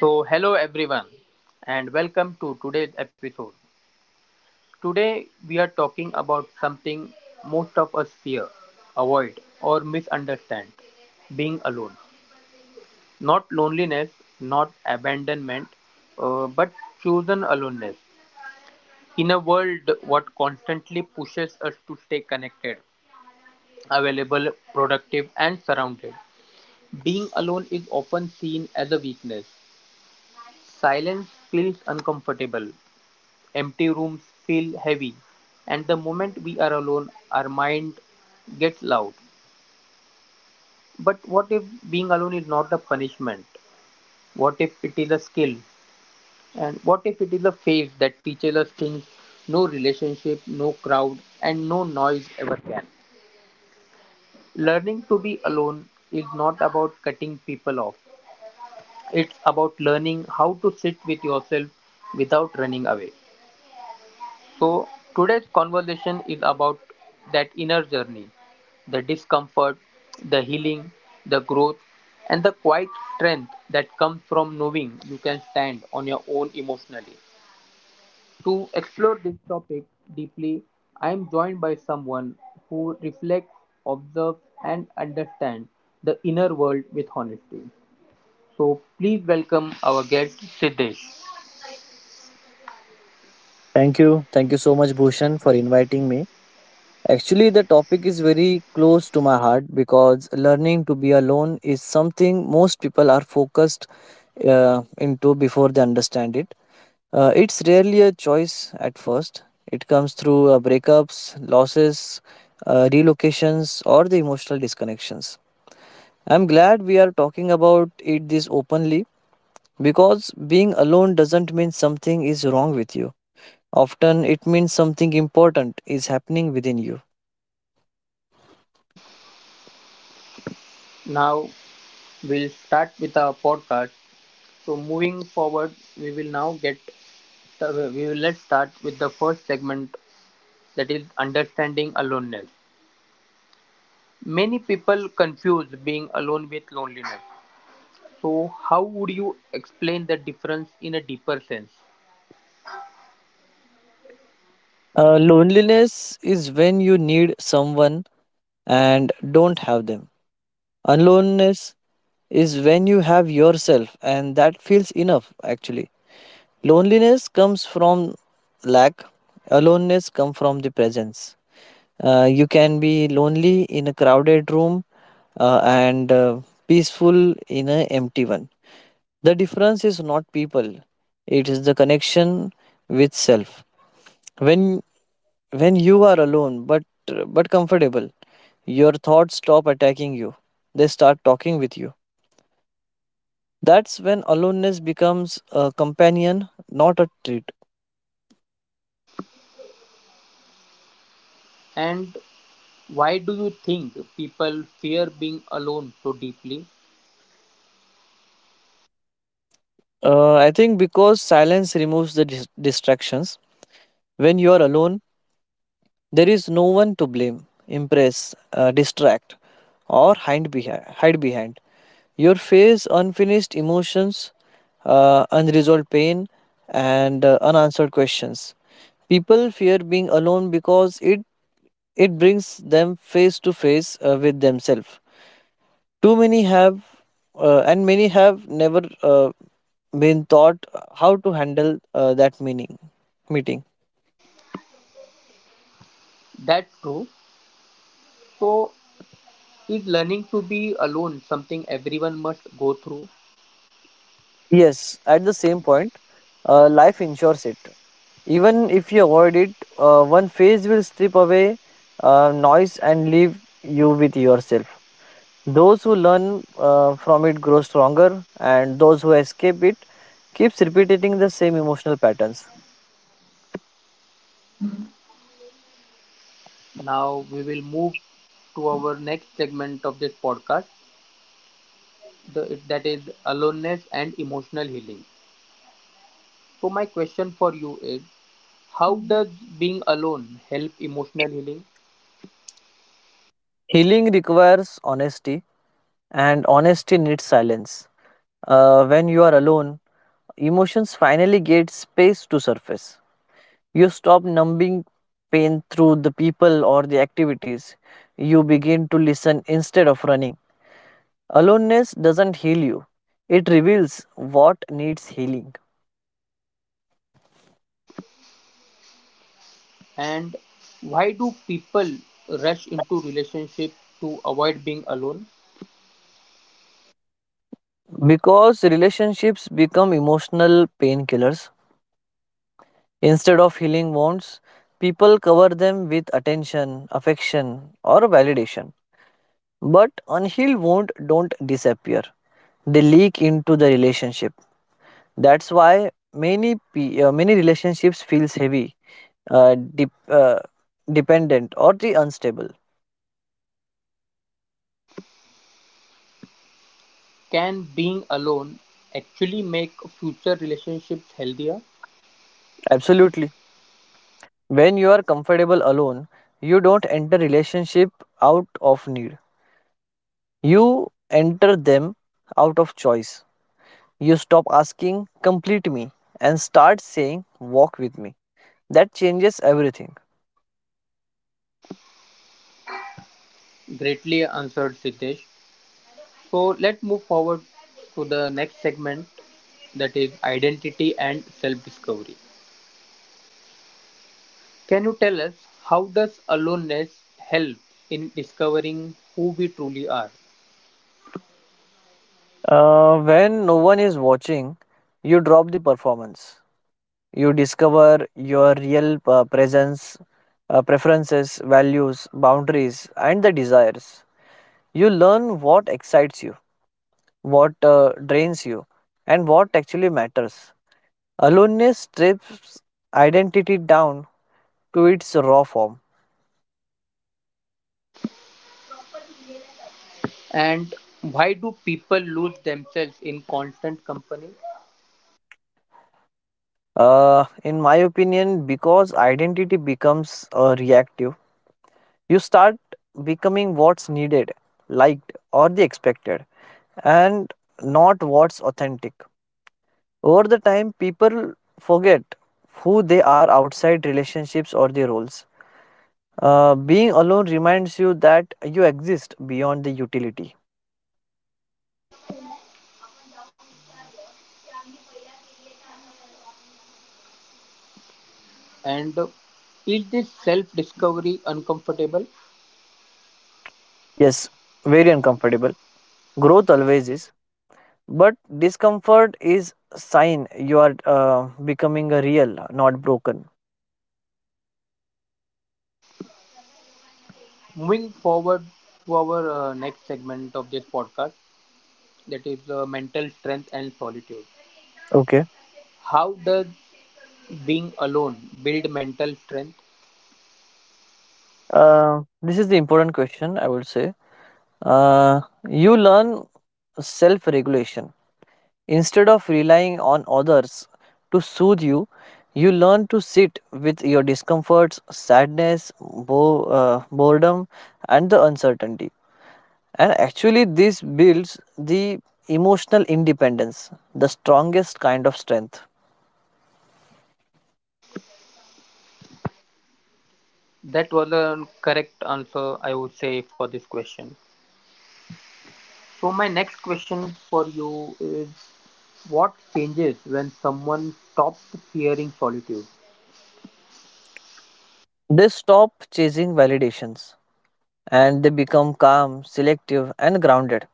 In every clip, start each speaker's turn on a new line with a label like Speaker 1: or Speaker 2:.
Speaker 1: So, hello everyone, and welcome to today's episode. Today, we are talking about something most of us fear, avoid, or misunderstand being alone. Not loneliness, not abandonment, but chosen aloneness. In a world what constantly pushes us to stay connected, available, productive, and surrounded, being alone is often seen as a weakness. Silence feels uncomfortable, empty rooms feel heavy, and the moment we are alone, our mind gets loud. But what if being alone is not a punishment? What if it is a skill? And what if it is a phase that teaches us things no relationship, no crowd, and no noise ever can? Learning to be alone is not about cutting people off, it's about learning how to sit with yourself without running away. So, today's conversation is about that inner journey, the discomfort, the healing, the growth, and the quiet strength that comes from knowing you can stand on your own emotionally. To explore this topic deeply, I am joined by someone who reflects, observes, and understands the inner world with honesty. So, please welcome our guest, Siddesh.
Speaker 2: Thank you. Thank you so much, Bhushan, for inviting me. Actually, the topic is very close to my heart because learning to be alone is something most people are focused into before they understand it. It's rarely a choice at first, it comes through breakups, losses, relocations, or the emotional disconnections. I'm glad we are talking about it this openly because being alone doesn't mean something is wrong with you. Often it means something important is happening within you.
Speaker 1: Now, we'll start with our podcast. So moving forward, we will now get we will let's start with the first segment, that is understanding aloneness. Many people confuse being alone with loneliness. So how would you explain the difference in a deeper sense?
Speaker 2: Loneliness is when you need someone and don't have them. Aloneness is when you have yourself and that feels enough actually. Loneliness comes from lack, aloneness comes from the presence. You can be lonely in a crowded room and peaceful in an empty one. The difference is not people, it is the connection with self. When when you are alone but comfortable, your thoughts stop attacking you. They start talking with you. That's when aloneness becomes a companion, not a treat.
Speaker 1: And why do you think people fear being alone so deeply?
Speaker 2: I think because silence removes the distractions. When you are alone, there is no one to blame, impress, distract, or hide behind. Hide behind. Your face, unfinished emotions, unresolved pain, and unanswered questions. People fear being alone because it brings them face to face with themselves. Too many have, and many have never been taught how to handle that meaning meeting.
Speaker 1: That's true. So is learning to be alone something everyone must go through?
Speaker 2: Yes, at the same point, life ensures it. Even if you avoid it, one phase will strip away noise and leave you with yourself. Those who learn from it grow stronger, and those who escape it keeps repeating the same emotional patterns.
Speaker 1: Now we will move to our next segment of this podcast, that is aloneness and emotional healing. So my question for you is how does being alone help emotional healing,
Speaker 2: Healing requires honesty, and honesty needs silence. When you are alone, emotions finally get space to surface. You stop numbing pain through the people or the activities. You begin to listen instead of running. Aloneness doesn't heal you, it reveals what needs healing.
Speaker 1: and why do people rush into relationship to avoid being alone?
Speaker 2: Because relationships become emotional painkillers instead of healing wounds, people cover them with attention, affection, or validation. But unhealed wounds don't disappear, they leak into the relationship. That's why many relationships feels heavy, uh, dep- uh, dependent, or the unstable.
Speaker 1: Can being alone actually make future relationships healthier?
Speaker 2: Absolutely. When you are comfortable alone, you don't enter relationship out of need. You enter them out of choice. You stop asking complete me and start saying walk with me. That changes everything.
Speaker 1: Greatly answered, Siddesh. So let's move forward to the next segment, that is identity and self discovery. Can you tell us how does aloneness help in discovering who we truly are?
Speaker 2: When no one is watching, you drop the performance. You discover your real presence, preferences, values, boundaries, and the desires. You learn what excites you, what drains you, and what actually matters. Aloneness strips identity down to its raw form.
Speaker 1: And why do people lose themselves in constant company?
Speaker 2: In my opinion, because identity becomes reactive, you start becoming what's needed, liked, or the expected, and not what's authentic. Over the time, people forget who they are outside relationships or their roles. Being alone reminds you that you exist beyond the utility.
Speaker 1: And is this self discovery uncomfortable?
Speaker 2: Yes, very uncomfortable. Growth always is, but discomfort is a sign you are becoming a real, not broken.
Speaker 1: Moving forward to our next segment of this podcast, that is mental strength and solitude.
Speaker 2: Okay.
Speaker 1: How does being alone build mental strength?
Speaker 2: This is the important question I would say. Uh, you learn self-regulation instead of relying on others to soothe you. You learn to sit with your discomforts, sadness, boredom, and the uncertainty. And actually, this builds the emotional independence, the strongest kind of strength.
Speaker 1: That was a correct answer, I would say, for this question. So, my next question for you is what changes when someone stops fearing solitude?
Speaker 2: They stop chasing validations and they become calm, selective, and grounded.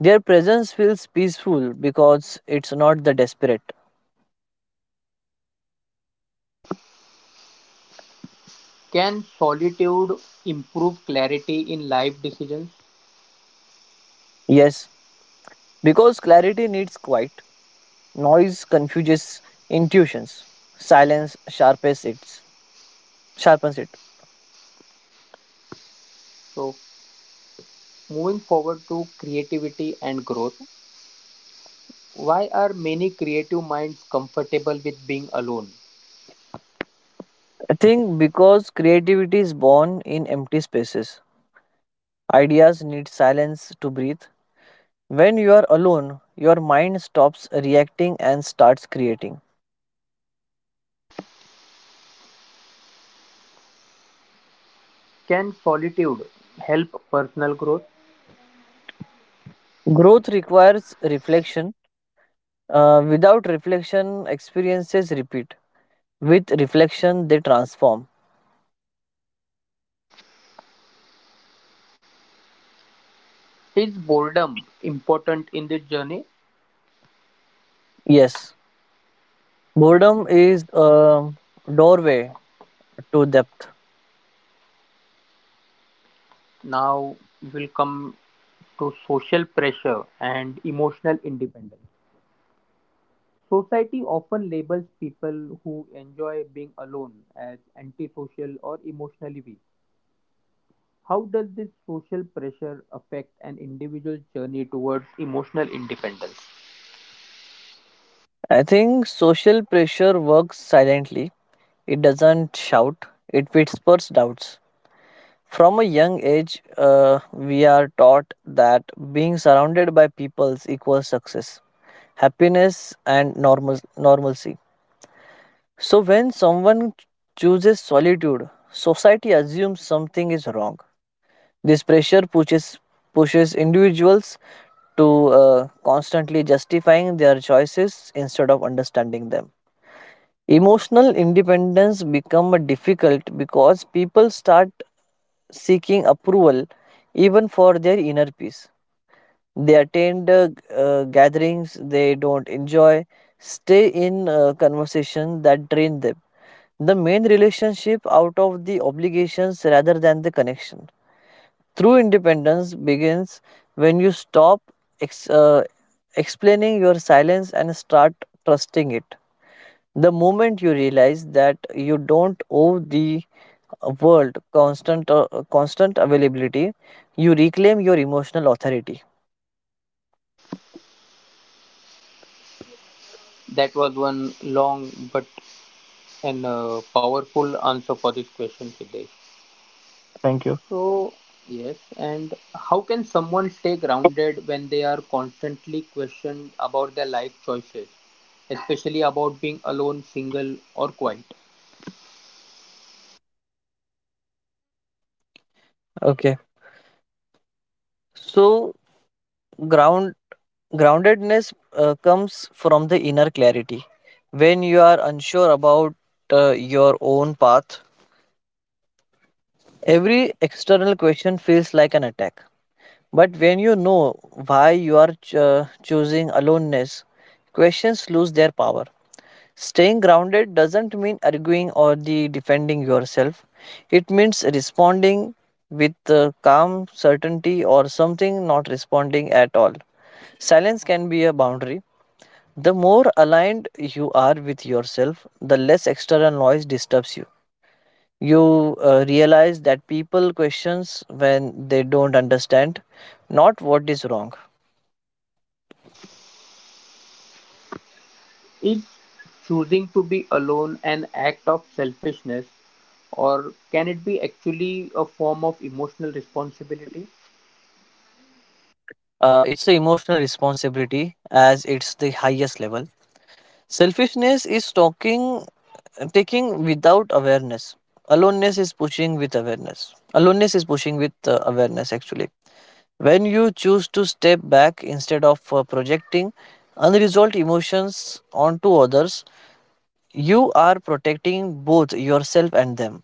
Speaker 2: Their presence feels peaceful because it's not the desperate.
Speaker 1: Can solitude improve clarity in life decisions?
Speaker 2: Yes, because clarity needs quiet, noise confuses intuitions, silence sharpens it. Sharpens it.
Speaker 1: So, moving forward to creativity and growth, why are many creative minds comfortable with being alone?
Speaker 2: I think because creativity is born in empty spaces. Ideas need silence to breathe. When you are alone, your mind stops reacting and starts creating.
Speaker 1: Can solitude help personal growth?
Speaker 2: Growth requires reflection. Without reflection, experiences repeat. With reflection, they transform.
Speaker 1: Is boredom important in this journey?
Speaker 2: Yes, boredom is a doorway to depth.
Speaker 1: Now, we will come to social pressure and emotional independence. Society often labels people who enjoy being alone as antisocial or emotionally weak. How does this social pressure affect an individual's journey towards emotional independence?
Speaker 2: I think social pressure works silently, it doesn't shout, it whispers doubts. From a young age, we are taught that being surrounded by people equals success, happiness and normalcy. So when someone chooses solitude, society assumes something is wrong. This pressure pushes individuals to constantly justifying their choices instead of understanding them. Emotional independence becomes difficult because people start seeking approval even for their inner peace. They attend gatherings they don't enjoy, stay in conversation that drain them. The main relationship out of the obligations rather than the connection. True independence begins when you stop ex- uh, explaining your silence and start trusting it. The moment you realize that you don't owe the world constant availability, you reclaim your emotional authority.
Speaker 1: That was one long but an powerful answer for this question, Siddesh.
Speaker 2: Thank you.
Speaker 1: So, yes, and how can someone stay grounded when they are constantly questioned about their life choices, especially about being alone, single, or quiet?
Speaker 2: Okay. So ground groundedness comes from the inner clarity. When you are unsure about your own path, every external question feels like an attack, but when you know why you are choosing aloneness, questions lose their power. Staying grounded doesn't mean arguing or the defending yourself, it means responding with calm certainty or something, not responding at all. Silence can be a boundary. The more aligned you are with yourself, the less external noise disturbs you. You realize that people questions when they don't understand, not what is wrong.
Speaker 1: Is choosing to be alone an act of selfishness, or can it be actually a form of emotional responsibility?
Speaker 2: It's an emotional responsibility as it's the highest level. Selfishness is talking, taking without awareness. Aloneness is pushing with awareness. Aloneness is pushing with awareness actually. When you choose to step back instead of projecting unresolved emotions onto others, you are protecting both yourself and them.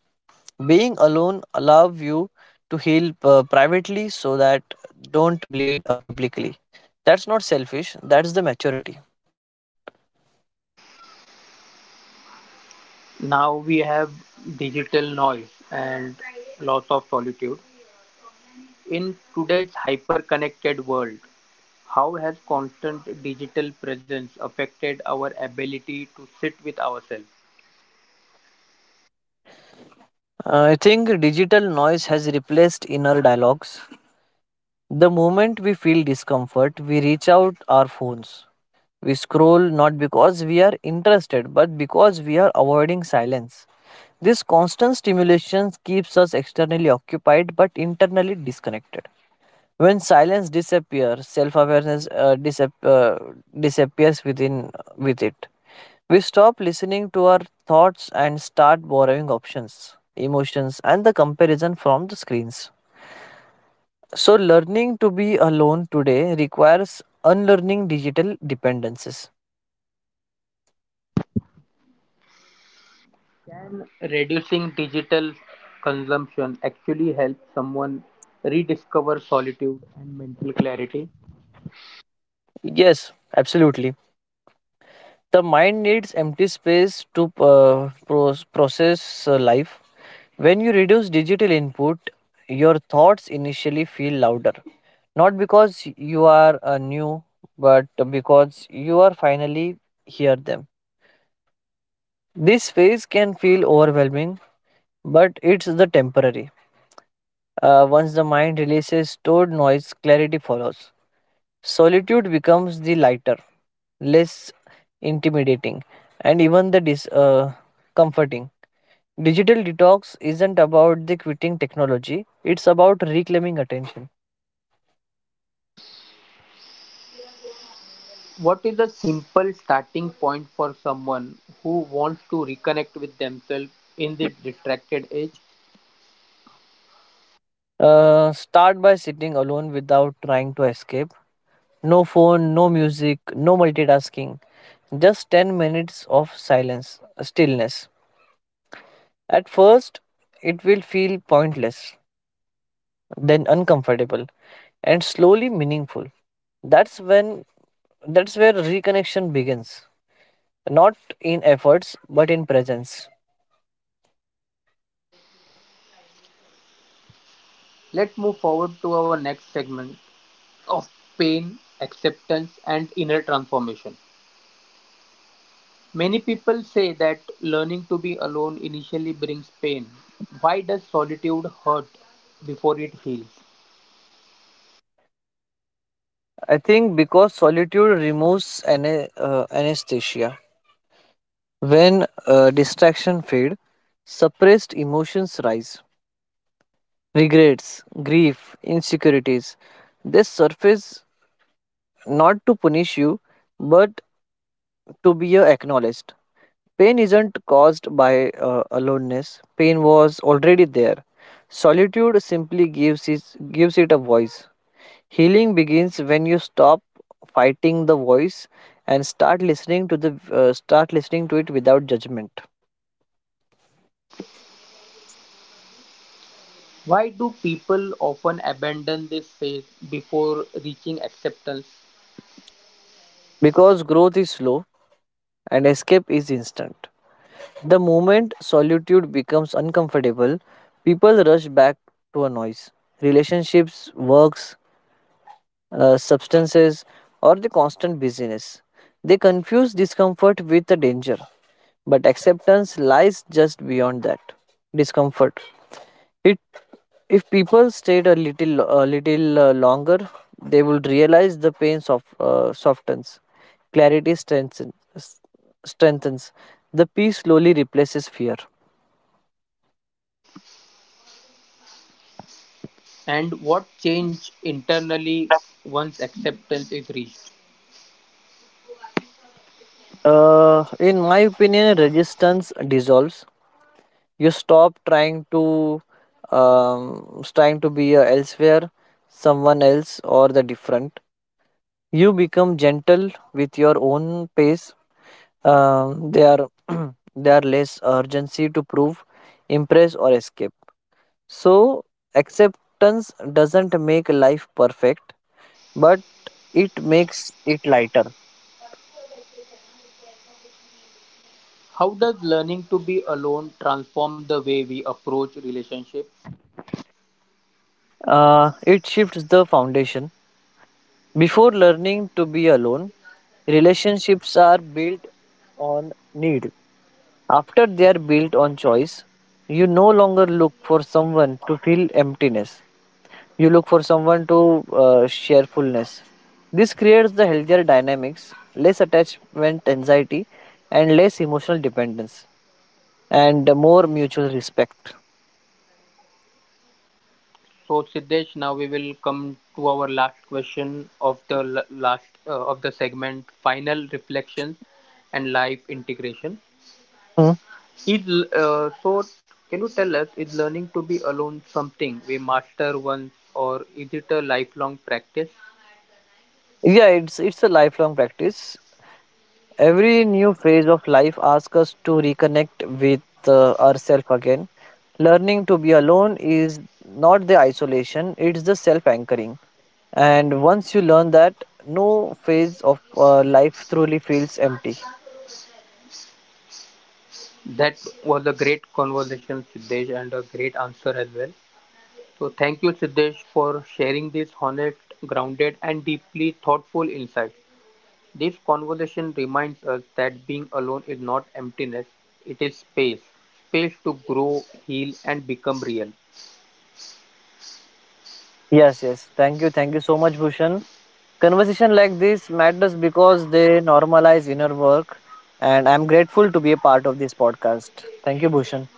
Speaker 2: Being alone allows you to heal privately so that don't bleed publicly. That's not selfish, that's the maturity.
Speaker 1: Now we have digital noise and loss of solitude. In today's hyper connected world, how has constant digital presence affected our ability to sit with ourselves?
Speaker 2: I think digital noise has replaced inner dialogues. The moment we feel discomfort, we reach out our phones. We scroll not because we are interested, but because we are avoiding silence. This constant stimulation keeps us externally occupied but internally disconnected. When silence disappears, self-awareness disappears with it. We stop listening to our thoughts and start borrowing options, emotions, and the comparison from the screens. So, learning to be alone today requires unlearning digital dependencies.
Speaker 1: Can reducing digital consumption actually help someone rediscover solitude and mental clarity?
Speaker 2: Yes, absolutely. The mind needs empty space to process life. When you reduce digital input, your thoughts initially feel louder. Not because you are new, but because you are finally hear them. This phase can feel overwhelming, but it's the temporary. Once the mind releases stored noise, clarity follows. Solitude becomes the lighter, less intimidating, and even the comforting. Digital detox isn't about the quitting technology, it's about reclaiming attention.
Speaker 1: What is a simple starting point for someone who wants to reconnect with themselves in the distracted age?
Speaker 2: Start by sitting alone without trying to escape. No phone, no music, no multitasking. Just 10 minutes of silence, stillness. At first, it will feel pointless, then uncomfortable, and slowly meaningful. That's when that's where reconnection begins, not in efforts but in presence.
Speaker 1: Let's move forward to our next segment of pain, acceptance, and inner transformation. Many people say that learning to be alone initially brings pain. Why does solitude hurt before it heals?
Speaker 2: I think because solitude removes anesthesia. When distraction fade, suppressed emotions rise. Regrets, grief, insecurities. They surface not to punish you, but to be acknowledged. Pain isn't caused by aloneness. Pain was already there. Solitude simply gives it a voice. Healing begins when you stop fighting the voice and start listening to it without judgment.
Speaker 1: Why do people often abandon this phase before reaching acceptance?
Speaker 2: Because growth is slow and escape is instant. The moment solitude becomes uncomfortable, people rush back to a noise. Relationships, works, substances, or the constant busyness. They confuse discomfort with the danger, but acceptance lies just beyond that discomfort. It, if people stayed a little longer, they would realize the pain softens, clarity strengthens, strengthens. The peace slowly replaces fear.
Speaker 1: And what change internally once acceptance is reached?
Speaker 2: In my opinion, resistance dissolves. You stop trying to be elsewhere, someone else or the different. You become gentle with your own pace. There are There are less urgency to prove, impress or escape. So acceptance doesn't make life perfect, but it makes it lighter.
Speaker 1: How does learning to be alone transform the way we approach relationships?
Speaker 2: Uh, it shifts the foundation. Before learning to be alone, relationships are built on need. After, they are built on choice. You no longer look for someone to fill emptiness. You look for someone to share fullness. This creates the healthier dynamics, less attachment anxiety, and less emotional dependence, and more mutual respect.
Speaker 1: So Siddesh, now we will come to our last question of the l- last of the segment, final reflections and life integration.
Speaker 2: Hmm.
Speaker 1: Is so? Can you tell us, is learning to be alone something we master once, or is it a lifelong practice?
Speaker 2: Yeah, it's a lifelong practice. Every new phase of life asks us to reconnect with ourselves again. Learning to be alone is not the isolation; it's the self anchoring. And once you learn that, no phase of life truly feels empty.
Speaker 1: That was a great conversation, Siddesh, and a great answer as well. So, thank you, Siddesh, for sharing this honest, grounded, and deeply thoughtful insight. This conversation reminds us that being alone is not emptiness, it is space, space to grow, heal, and become real.
Speaker 2: Yes, yes. Thank you. Thank you so much, Bhushan. Conversation like this matters because they normalize inner work. And I'm grateful to be a part of this podcast. Thank you, Bhushan.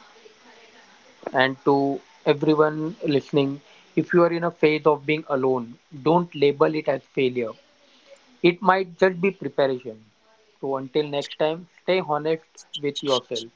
Speaker 1: And to everyone listening, if you are in a phase of being alone, don't label it as failure. It might just be preparation. So until next time, stay honest with yourself,